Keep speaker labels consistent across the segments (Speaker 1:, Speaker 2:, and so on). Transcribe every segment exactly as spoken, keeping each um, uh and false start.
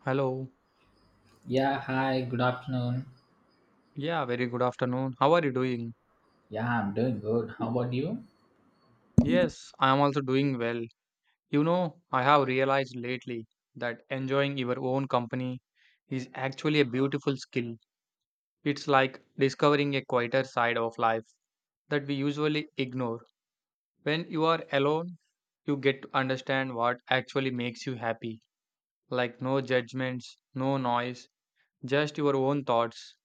Speaker 1: Hello.
Speaker 2: Yeah, hi, good afternoon.
Speaker 1: Yeah, very good afternoon. How are you doing?
Speaker 2: Yeah, I'm doing good. How about you?
Speaker 1: Yes, I am also doing well. You know, I have realized lately that enjoying your own company is actually a beautiful skill. It's like discovering a quieter side of life that we usually ignore. When you are alone, you get to understand what actually makes you happy. Like no judgments, no noise, just your own thoughts.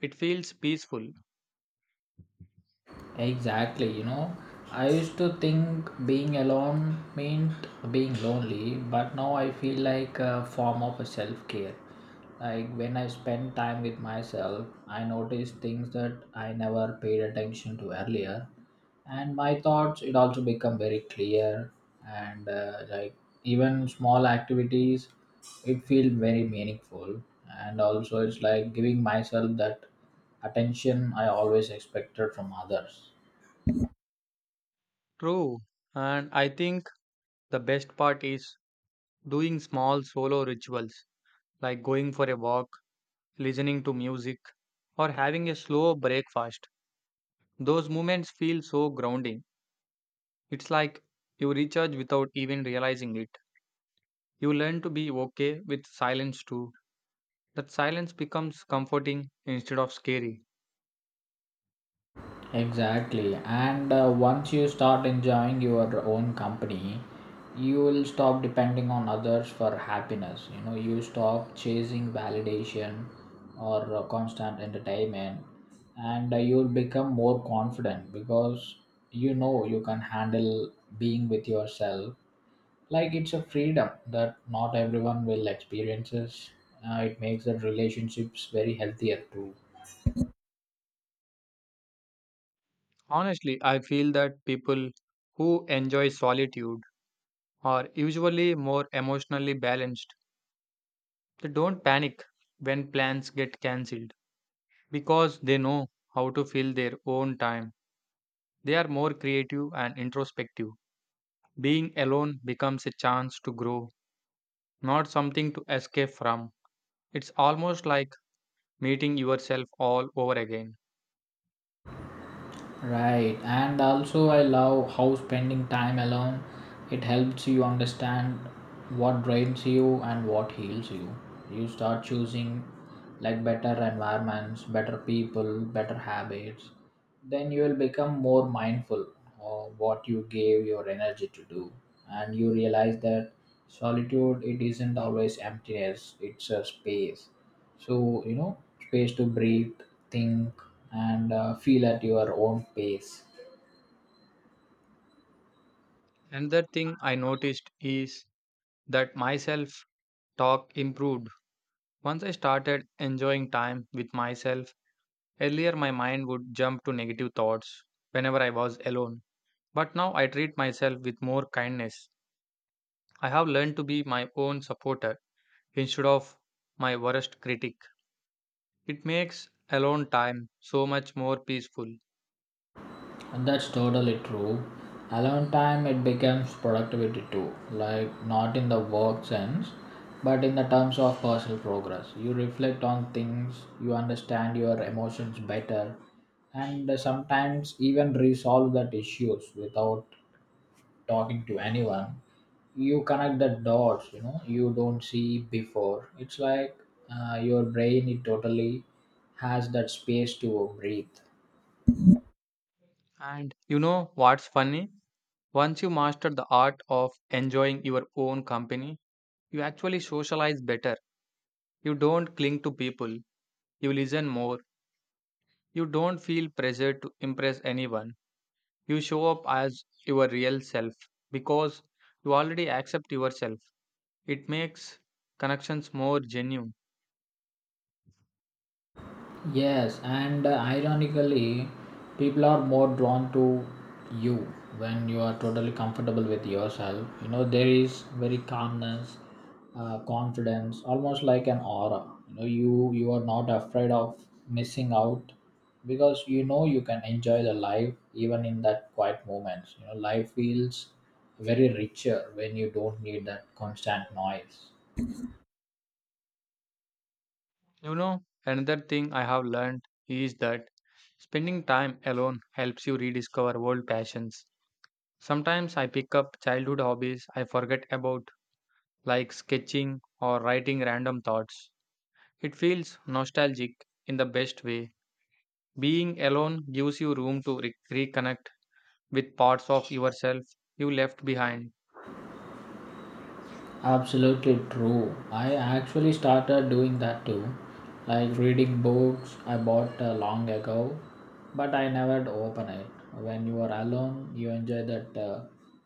Speaker 1: It feels peaceful.
Speaker 2: Exactly, you know, I used to think being alone meant being lonely, but now I feel like a form of a self-care. Like when I spend time with myself, I notice things that I never paid attention to earlier. And my thoughts it also become very clear and uh, like even small activities it feel very meaningful, and also it's like giving myself that attention I always expected from others.
Speaker 1: True. And I think the best part is doing small solo rituals like going for a walk, listening to music, or having a slow breakfast. Those moments feel so grounding. It's like you recharge without even realizing it. You learn to be okay with silence too. That silence becomes comforting instead of scary.
Speaker 2: Exactly. And uh, once you start enjoying your own company, you will stop depending on others for happiness. You know, you stop chasing validation or uh, constant entertainment, and uh, you'll become more confident because you know you can handle being with yourself. Like it's a freedom that not everyone will experiences. Uh, it makes the relationships very healthier too.
Speaker 1: Honestly, I feel that people who enjoy solitude are usually more emotionally balanced. They don't panic when plans get cancelled because they know how to fill their own time. They are more creative and introspective. Being alone becomes a chance to grow, not something to escape from. It's almost like meeting yourself all over again.
Speaker 2: Right, and also I love how spending time alone it helps you understand what drains you and what heals you. You start choosing like better environments, better people, better habits. Then you will become more mindful of what you gave your energy to do, and you realize that solitude it isn't always emptiness; it's a space. So you know, space to breathe, think, and uh, feel at your own pace.
Speaker 1: Another thing I noticed is that myself talk improved. Once I started enjoying time with myself, earlier my mind would jump to negative thoughts whenever I was alone. But now I treat myself with more kindness. I have learned to be my own supporter instead of my worst critic. It makes alone time so much more peaceful.
Speaker 2: And that's totally true. Alone time it becomes productivity too, like not in the work sense, but in the terms of personal progress. You reflect on things, you understand your emotions better, and sometimes even resolve that issues without talking to anyone. You connect the dots, you know, you don't see before. It's like uh, your brain it totally has that space to breathe.
Speaker 1: And you know what's funny? Once you master the art of enjoying your own company, you actually socialize better. You don't cling to people, you listen more, you don't feel pressure to impress anyone. You show up as your real self because you already accept yourself. It makes connections more genuine.
Speaker 2: Yes, and uh, ironically, people are more drawn to you when you are totally comfortable with yourself. You know, there is very calmness, uh, confidence, almost like an aura. You know, you you are not afraid of missing out because you know you can enjoy the life even in that quiet moments. You know, life feels very richer when you don't need that constant noise.
Speaker 1: You know, another thing I have learned is that spending time alone helps you rediscover old passions. Sometimes I pick up childhood hobbies I forget about, like sketching or writing random thoughts. It feels nostalgic in the best way. Being alone gives you room to re- reconnect with parts of yourself you left behind.
Speaker 2: Absolutely true. I actually started doing that too. Like reading books I bought uh, long ago, but I never open it. When you are alone, you enjoy that uh,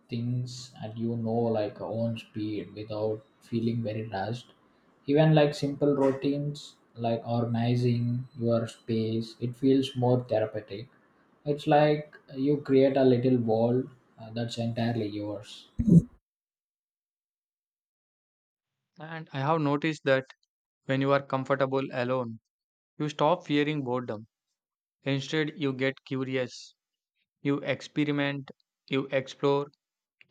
Speaker 2: things and you know like own speed without feeling very rushed. Even like simple routines like organizing your space, it feels more therapeutic. It's like you create a little world uh, that's entirely yours.
Speaker 1: And I have noticed that when you are comfortable alone, you stop fearing boredom. Instead, you get curious. You experiment, you explore,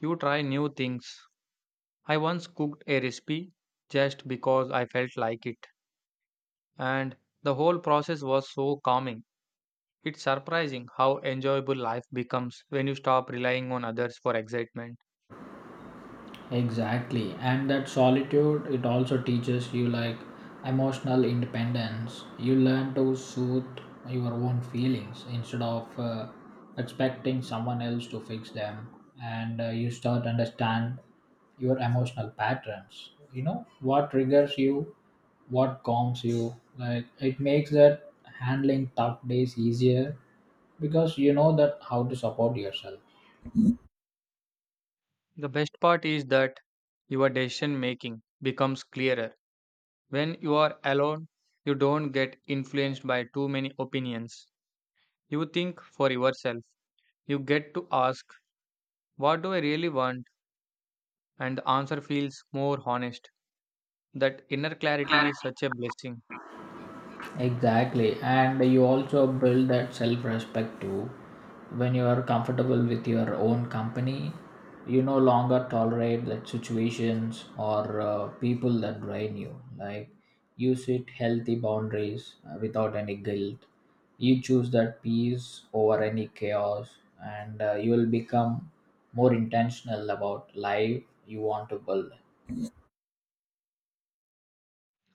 Speaker 1: you try new things. I once cooked a recipe just because I felt like it, and the whole process was so calming. It's surprising how enjoyable life becomes when you stop relying on others for excitement.
Speaker 2: Exactly. And that solitude, it also teaches you like emotional independence. You learn to soothe your own feelings instead of uh, expecting someone else to fix them. And uh, you start understand your emotional patterns. You know what triggers you, what calms you. Like it makes that handling tough days easier because you know that how to support yourself.
Speaker 1: The best part is that your decision making becomes clearer. When you are alone, you don't get influenced by too many opinions. You think for yourself. You get to ask, what do I really want? And the answer feels more honest. That inner clarity is such a blessing.
Speaker 2: Exactly, and you also build that self respect too. When you are comfortable with your own company, you no longer tolerate that situations or uh, people that drain you. Like you set healthy boundaries uh, without any guilt. You choose that peace over any chaos, and uh, you will become more intentional about life you want to build.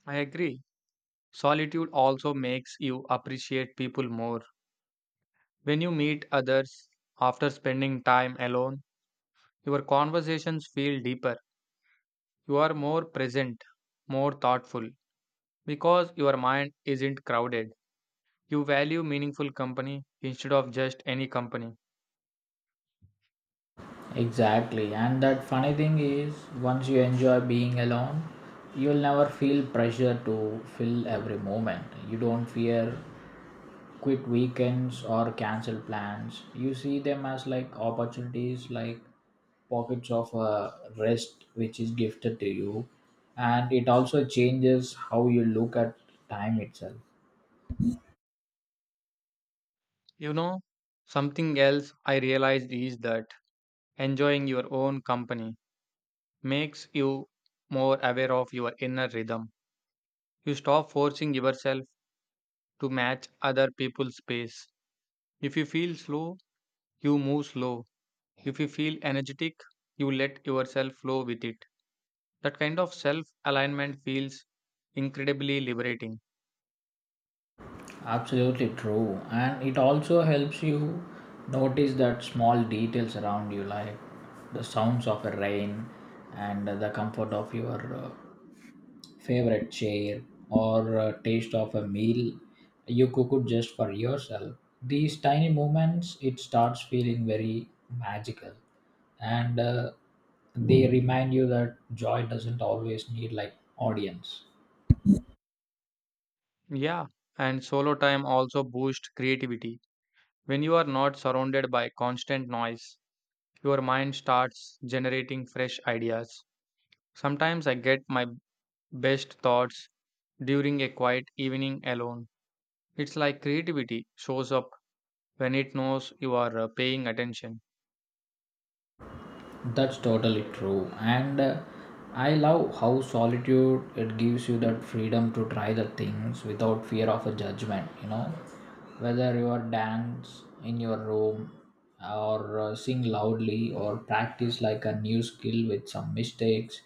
Speaker 1: I agree. Solitude also makes you appreciate people more. When you meet others after spending time alone, your conversations feel deeper. You are more present, more thoughtful, because your mind isn't crowded. You value meaningful company instead of just any company.
Speaker 2: Exactly. And that funny thing is, once you enjoy being alone, you'll never feel pressure to fill every moment. You don't fear quit weekends or cancel plans. You see them as like opportunities, like pockets of uh, rest which is gifted to you. And it also changes how you look at time itself.
Speaker 1: You know, something else I realized is that enjoying your own company makes you more aware of your inner rhythm. You stop forcing yourself to match other people's pace. If you feel slow, you move slow. If you feel energetic, you let yourself flow with it. That kind of self alignment feels incredibly liberating.
Speaker 2: Absolutely true. And it also helps you notice that small details around you, like the sounds of a rain and the comfort of your uh, favorite chair or uh, taste of a meal you cooked just for yourself. These tiny moments, it starts feeling very magical. And uh, they remind you that joy doesn't always need like audience.
Speaker 1: Yeah, and solo time also boosts creativity. When you are not surrounded by constant noise, your mind starts generating fresh ideas. Sometimes I get my best thoughts during a quiet evening alone. It's like creativity shows up when it knows you are uh, paying attention.
Speaker 2: That's totally true. And uh, I love how solitude it gives you that freedom to try the things without fear of a judgment, you know. Whether you are dance in your room or uh, sing loudly or practice like a new skill with some mistakes,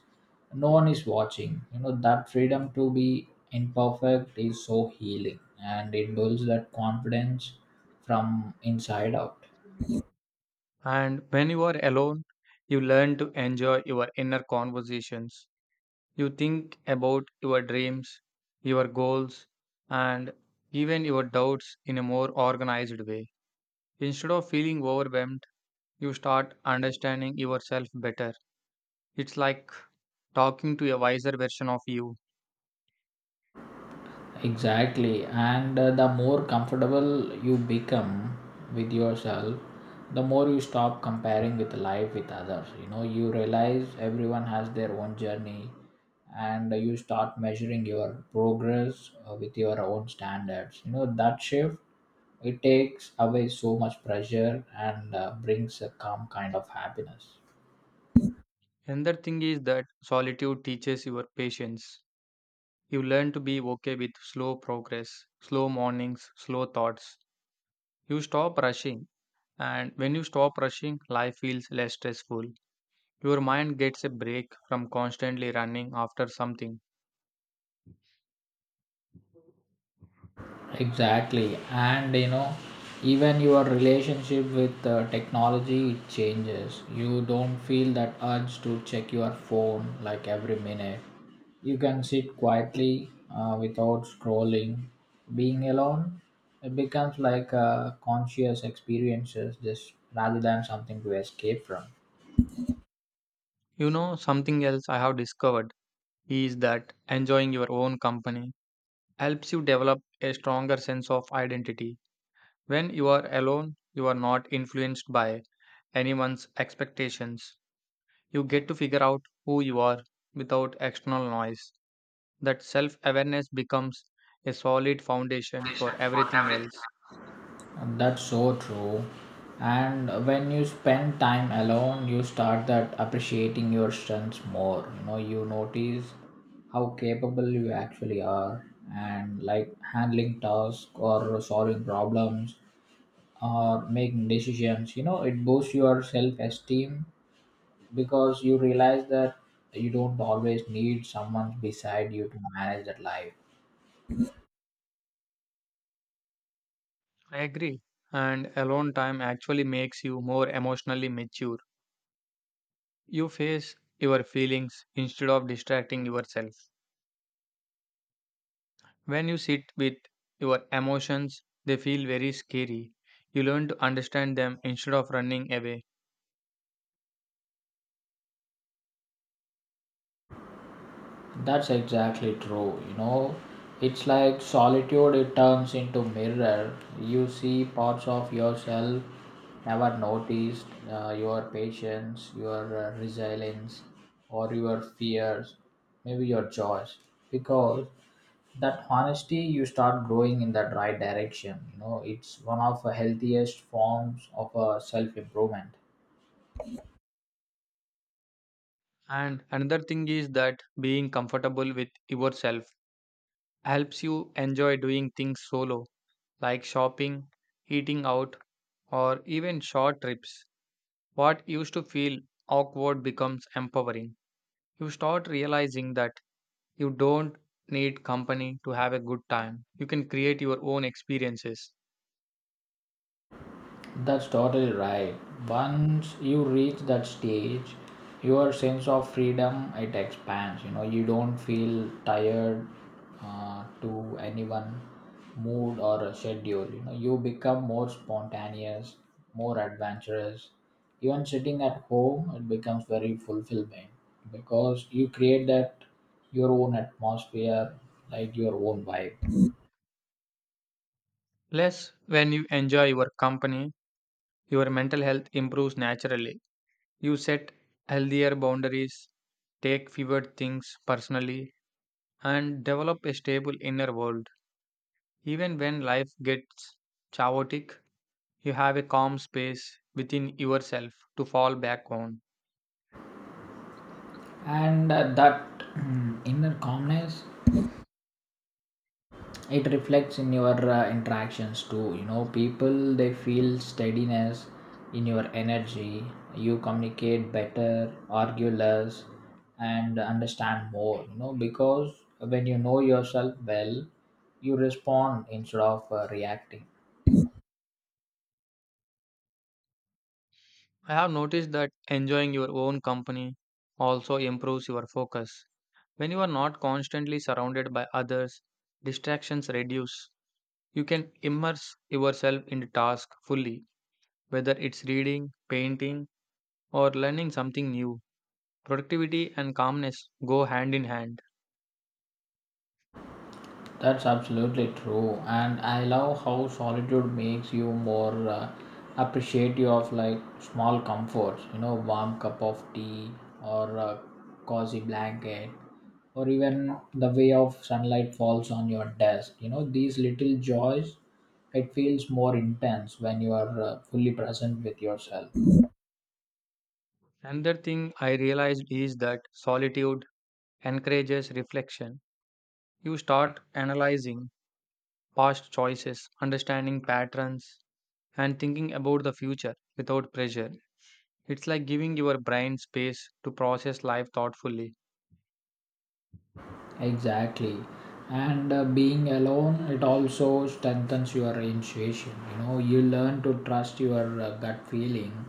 Speaker 2: no one is watching. You know, that freedom to be imperfect is so healing and it builds that confidence from inside out.
Speaker 1: And when you are alone, you learn to enjoy your inner conversations. You think about your dreams, your goals, and even your doubts in a more organized way. Instead of feeling overwhelmed, you start understanding yourself better. It's like talking to a wiser version of you.
Speaker 2: Exactly. And uh, the more comfortable you become with yourself, the more you stop comparing with life with others. You know, you realize everyone has their own journey and you start measuring your progress uh, with your own standards. You know, that shift it takes away so much pressure and uh, brings a calm kind of happiness.
Speaker 1: Another thing is that solitude teaches your patience. You learn to be okay with slow progress, slow mornings, slow thoughts. You stop rushing, and when you stop rushing, life feels less stressful. Your mind gets a break from constantly running after something.
Speaker 2: Exactly. And you know, even your relationship with uh, technology changes. You don't feel that urge to check your phone like every minute. You can sit quietly uh, without scrolling. Being alone it becomes like a conscious experiences just rather than something to escape from.
Speaker 1: You know, something else I have discovered is that enjoying your own company helps you develop a stronger sense of identity. When you are alone, you are not influenced by anyone's expectations. You get to figure out who you are without external noise. That self awareness becomes a solid foundation for
Speaker 2: For
Speaker 1: everything
Speaker 2: everything.
Speaker 1: else.
Speaker 2: That's so true. And when you spend time alone, you start that appreciating your strengths more. You know, you notice how capable you actually are, and like handling tasks or solving problems or making decisions. You know, it boosts your self-esteem because you realize that you don't always need someone beside you to manage that life.
Speaker 1: I agree. And alone time actually makes you more emotionally mature. You face your feelings instead of distracting yourself. When you sit with your emotions, they feel very scary. You learn to understand them instead of running away.
Speaker 2: That's exactly true. You know, it's like solitude, it turns into mirror. You see parts of yourself never noticed, uh, your patience, your uh, resilience, or your fears, maybe your joys. Because that honesty, you start growing in that right direction. You know, it's one of the healthiest forms of uh, self improvement.
Speaker 1: And another thing is that being comfortable with yourself helps you enjoy doing things solo like shopping, eating out, or even short trips. What used to feel awkward becomes empowering. You start realizing that you don't need company to have a good time. You can create your own experiences.
Speaker 2: That's totally right. Once you reach that stage, your sense of freedom it expands. You know, you don't feel tired uh, to anyone, mood or a schedule. You know, you become more spontaneous, more adventurous. Even sitting at home, it becomes very fulfilling because you create that your own atmosphere, like your own vibe,
Speaker 1: Plus, when you enjoy your company, your mental health improves naturally. You set healthier boundaries, take fewer things personally, and develop a stable inner world. Even when life gets chaotic, you have a calm space within yourself to fall back on.
Speaker 2: and uh, that mm, inner calmness it reflects in your uh, interactions too. You know, people they feel steadiness in your energy, you communicate better, argue less, and understand more. You know, because when you know yourself well, you respond instead of uh, reacting.
Speaker 1: I have noticed that enjoying your own company also improves your focus. When you are not constantly surrounded by others, distractions reduce. You can immerse yourself in the task fully, whether it's reading, painting, or learning something new. Productivity and calmness go hand in hand.
Speaker 2: That's absolutely true, and I love how solitude makes you more uh, appreciative of like small comforts. You know, warm cup of tea or a cozy blanket, or even the way of sunlight falls on your desk. You know, these little joys. It feels more intense when you are uh, fully present with yourself.
Speaker 1: Another thing I realized is that solitude encourages reflection. You start analyzing past choices, understanding patterns, and thinking about the future without pressure. It's like giving your brain space to process life thoughtfully.
Speaker 2: Exactly. And uh, being alone, it also strengthens your intuition. You know, you learn to trust your uh, gut feeling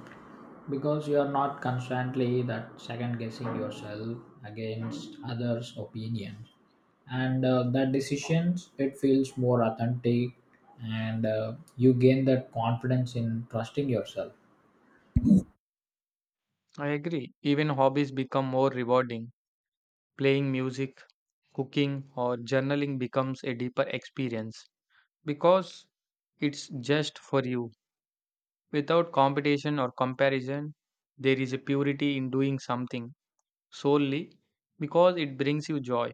Speaker 2: because you are not constantly that second guessing yourself against others' opinions. And uh, that decisions, it feels more authentic and uh, you gain that confidence in trusting yourself.
Speaker 1: I agree. Even hobbies become more rewarding. Playing music, cooking, or journaling becomes a deeper experience because it's just for you. Without competition or comparison, there is a purity in doing something solely because it brings you joy.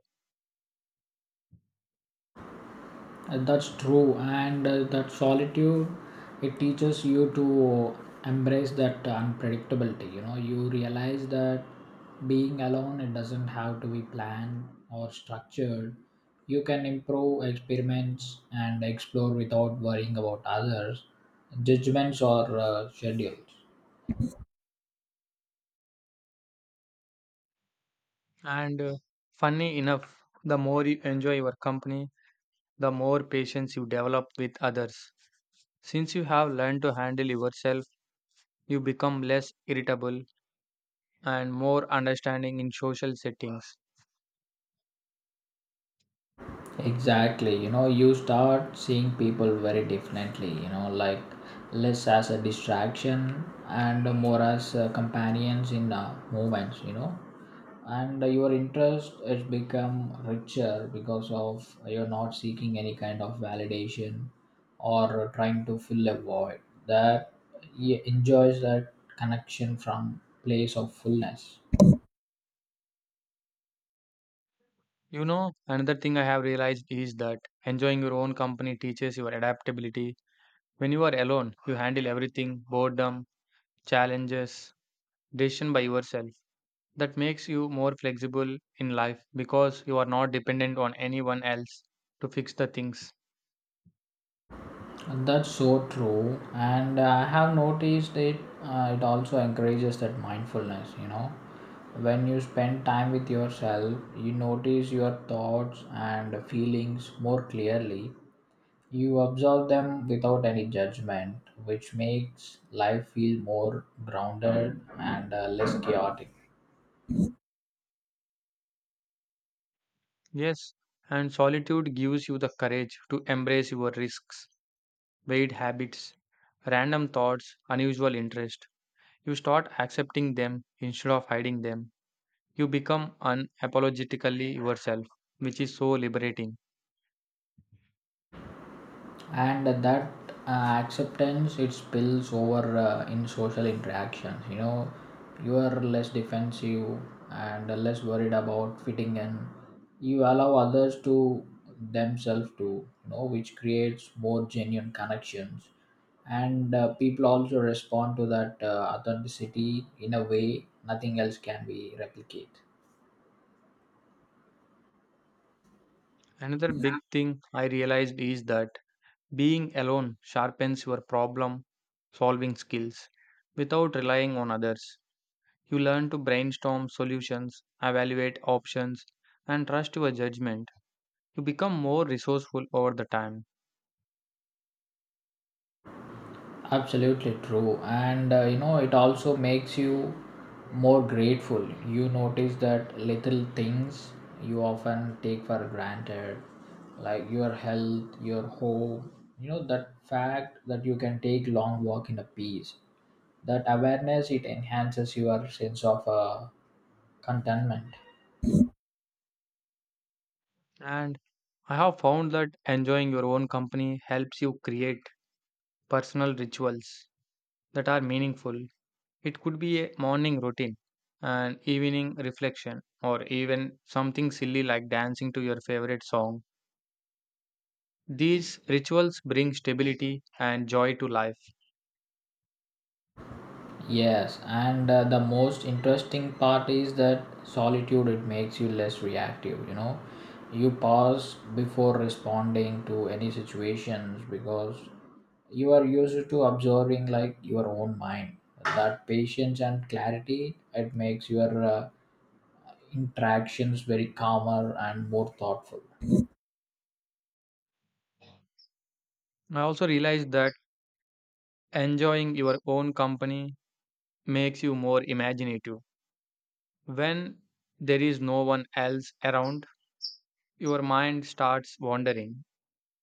Speaker 2: Uh, that's true, and uh, that solitude it teaches you to embrace that unpredictability. You know, you realize that being alone it doesn't have to be planned or structured. You can improve experiments and explore without worrying about others, judgments or uh, schedules.
Speaker 1: And uh, funny enough, the more you enjoy your company, the more patience you develop with others. Since you have learned to handle yourself, you become less irritable and more understanding in social settings.
Speaker 2: Exactly, you know, you start seeing people very differently, you know, like less as a distraction and more as uh, companions in uh, movements, you know. And uh, your interest has become richer because of you're not seeking any kind of validation or trying to fill a void. That he enjoys that connection from place of fullness.
Speaker 1: You know, another thing I have realized is that enjoying your own company teaches your adaptability. When you are alone, you handle everything: boredom, challenges, decision by yourself. That makes you more flexible in life because you are not dependent on anyone else to fix the things.
Speaker 2: That's so true, and I have noticed it. Uh, it also encourages that mindfulness. You know, when you spend time with yourself, you notice your thoughts and feelings more clearly. You observe them without any judgment, which makes life feel more grounded and uh, less chaotic.
Speaker 1: Yes, and solitude gives you the courage to embrace your risks, weird habits, random thoughts, unusual interest. You start accepting them instead of hiding them. You become unapologetically yourself, which is so liberating.
Speaker 2: And that uh, acceptance it spills over uh, in social interactions. You know, you are less defensive and less worried about fitting in, you allow others to themselves to, you know, which creates more genuine connections, and uh, people also respond to that uh, authenticity in a way nothing else can be replicate.
Speaker 1: Another big thing I realized is that being alone sharpens your problem solving skills without relying on others. You learn to brainstorm solutions, evaluate options, and trust your judgment. You become more resourceful over the time.
Speaker 2: Absolutely true, and uh, you know it also makes you more grateful. You notice that little things you often take for granted, like your health, your home, you know that fact that you can take long walk in a peace. That awareness it enhances your sense of uh, contentment.
Speaker 1: And I have found that enjoying your own company helps you create personal rituals that are meaningful. It could be a morning routine, an evening reflection, or even something silly like dancing to your favorite song. These rituals bring stability and joy to life.
Speaker 2: Yes, and uh, the most interesting part is that solitude it makes you less reactive, you know. You pause before responding to any situations because you are used to observing like your own mind. That patience and clarity it makes your uh, interactions very calmer and more thoughtful.
Speaker 1: I also realized that enjoying your own company makes you more imaginative. When there is no one else around, your mind starts wandering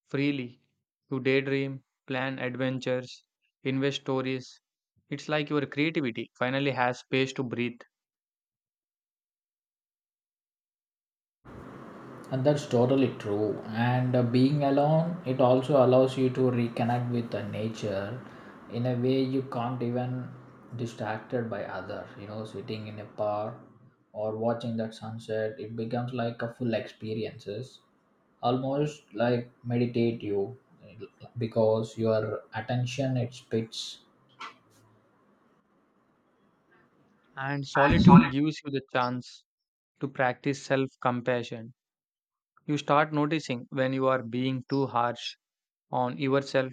Speaker 1: freely to daydream, plan adventures, invent stories. It's like your creativity finally has space to breathe,
Speaker 2: And that's totally true. And uh, being alone, it also allows you to reconnect with the nature in a way you can't even distracted by other. You know, sitting in a park or watching that sunset, it becomes like a full experiences, almost like meditate you because your attention it spits.
Speaker 1: and
Speaker 2: And
Speaker 1: solitude
Speaker 2: solid.
Speaker 1: gives you the chance to practice self compassion. You start noticing when you are being too harsh on yourself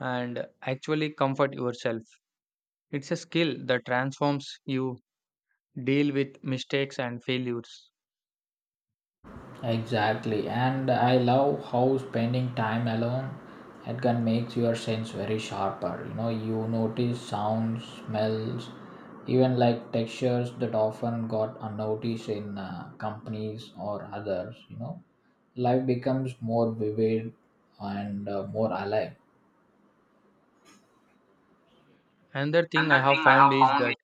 Speaker 1: and actually comfort yourself. It's a skill that transforms you deal with mistakes and failures.
Speaker 2: Exactly, and I love how spending time alone it can makes your sense very sharper. You know, you notice sounds, smells, even like textures that often got unnoticed in uh, companies or others. You know, life becomes more vivid and uh, more alive.
Speaker 1: Another thing I
Speaker 2: Another
Speaker 1: have
Speaker 2: thing I
Speaker 1: found
Speaker 2: have
Speaker 1: is
Speaker 2: found.
Speaker 1: that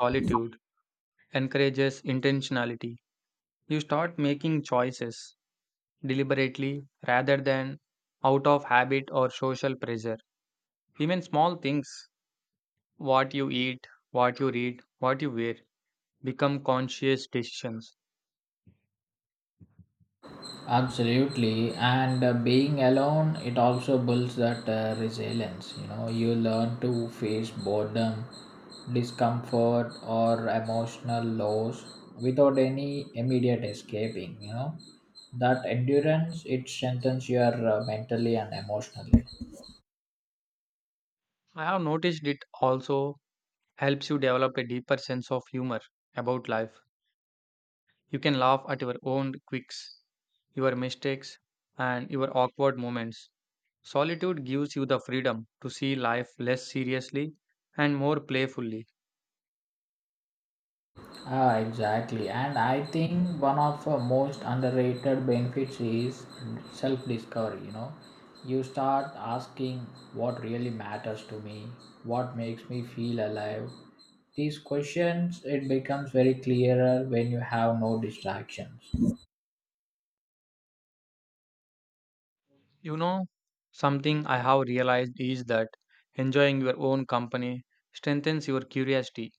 Speaker 1: solitude encourages intentionality. You start making choices deliberately rather than out of habit or social pressure. Even small things, what you eat, what you read, what you wear, become conscious decisions.
Speaker 2: Absolutely, and uh, being alone, it also builds that uh, resilience. You know, you learn to face boredom, discomfort, or emotional loss without any immediate escaping. You know, that endurance it strengthens your uh, mentally and emotionally.
Speaker 1: I have noticed it also helps you develop a deeper sense of humor about life. You can laugh at your own quirks, your mistakes, and your awkward moments. Solitude gives you the freedom to see life less seriously and more playfully.
Speaker 2: Ah, exactly. And I think one of the most underrated benefits is self discovery. You know, you start asking what really matters to me, what makes me feel alive. These questions, it becomes very clearer when you have no distractions.
Speaker 1: You know, something I have realized is that enjoying your own company strengthens your curiosity.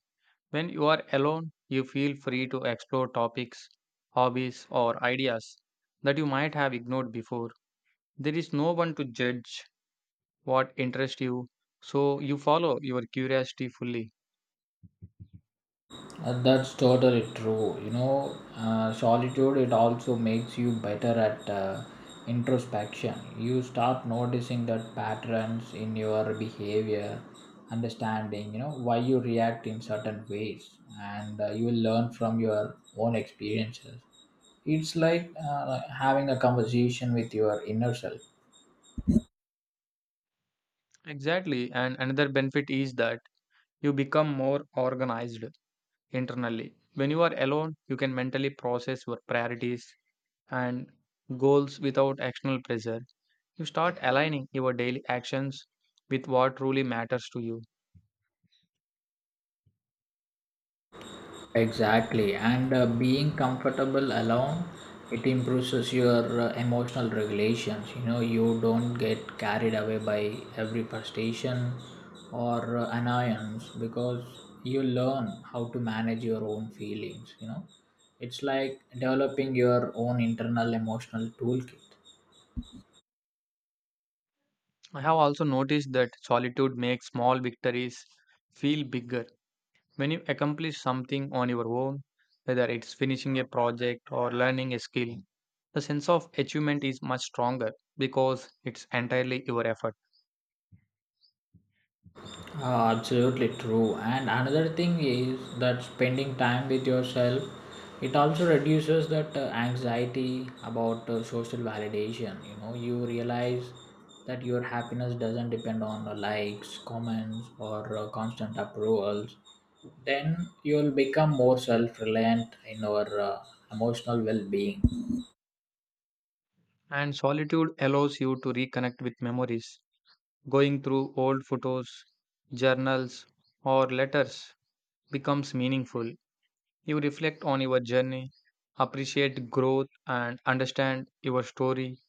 Speaker 1: When you are alone, you feel free to explore topics, hobbies, or ideas that you might have ignored before. There is no one to judge what interests you, so you follow your curiosity fully.
Speaker 2: Uh, that's totally true. You know, uh, solitude it also makes you better at uh, introspection. You start noticing that patterns in your behavior, understanding, you know, why you react in certain ways, and uh, you will learn from your own experiences. It's like uh, like having a conversation with your inner self.
Speaker 1: Exactly, and another benefit is that you become more organized internally. When you are alone, you can mentally process your priorities and goals without external pressure. You start aligning your daily actions with what truly matters to you.
Speaker 2: Exactly, and uh, being comfortable alone, it improves your uh, emotional regulations. You know, you don't get carried away by every frustration or uh, annoyance because you learn how to manage your own feelings. You know, it's like developing your own internal emotional toolkit.
Speaker 1: I have also noticed that solitude makes small victories feel bigger. When you accomplish something on your own, whether it's finishing a project or learning a skill, the sense of achievement is much stronger because it's entirely your effort.
Speaker 2: Uh, absolutely true. And another thing is that spending time with yourself, it also reduces that uh, anxiety about uh, social validation. You know, you realize that your happiness doesn't depend on uh, likes, comments, or uh, constant approvals. Then you'll become more self-reliant in your uh, emotional well-being.
Speaker 1: And solitude allows you to reconnect with memories. Going through old photos, journals, or letters becomes meaningful. You reflect on your journey, appreciate growth, and understand your story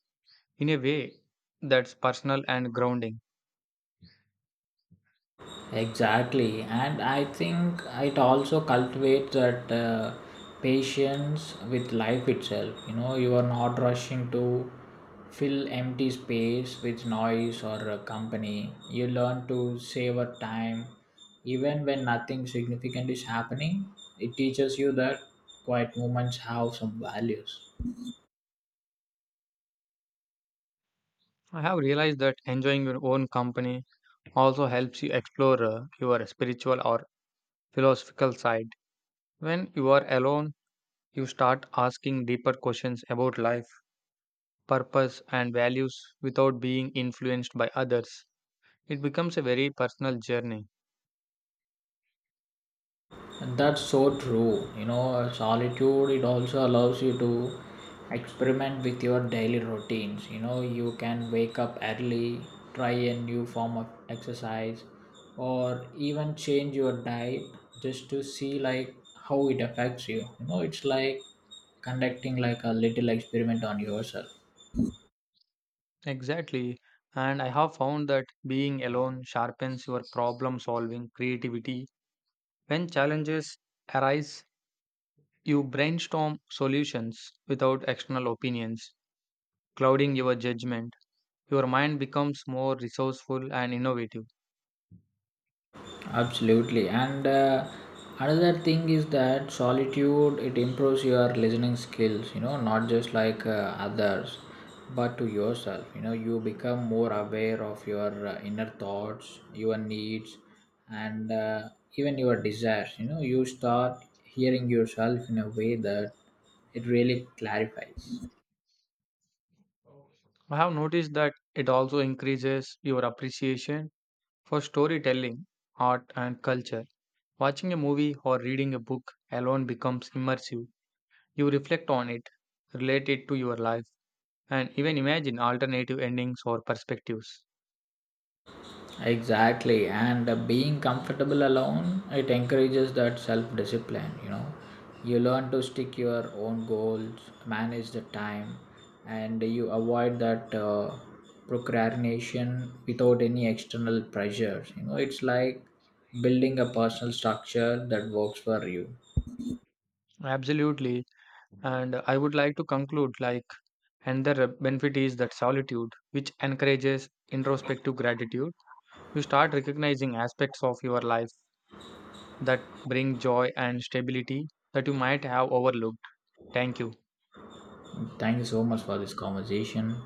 Speaker 1: in a way that's personal and grounding.
Speaker 2: Exactly, and I think it also cultivates that uh, patience with life itself. You know, you are not rushing to fill empty space with noise or uh, company. You learn to savor time, even when nothing significant is happening. It teaches you that quiet moments have some values.
Speaker 1: I have realized that enjoying your own company also helps you explore uh, your spiritual or philosophical side. When you are alone, you start asking deeper questions about life, purpose, and values without being influenced by others. It becomes a very personal journey.
Speaker 2: And that's so true. You know, solitude, it also allows you to experiment with your daily routines. You know, you can wake up early, try a new form of exercise, or even change your diet just to see like how it affects you. You know, it's like conducting like a little experiment on yourself.
Speaker 1: Exactly. And I have found that being alone sharpens your problem solving creativity. When challenges arise, you brainstorm solutions without external opinions clouding your judgment. Your mind becomes more resourceful and innovative.
Speaker 2: Absolutely, and uh, another thing is that solitude it improves your listening skills. You know, not just like uh, others but to yourself. You know, you become more aware of your uh, inner thoughts, your needs, and uh, even your desires. You know, you start hearing yourself in a way that it really clarifies.
Speaker 1: I have noticed that it also increases your appreciation for storytelling, art, and culture. Watching a movie or reading a book alone becomes immersive. You reflect on it, relate it to your life, and even imagine alternative endings or perspectives.
Speaker 2: Exactly, and uh, being comfortable alone, it encourages that self discipline. You know, you learn to stick your own goals, manage the time, and you avoid that uh, procrastination without any external pressures. You know, it's like building a personal structure that works for you.
Speaker 1: Absolutely. And I would like to conclude like another benefit is that solitude, which encourages introspective gratitude. You start recognizing aspects of your life that bring joy and stability that you might have overlooked. Thank you.
Speaker 2: Thank you so much for this conversation.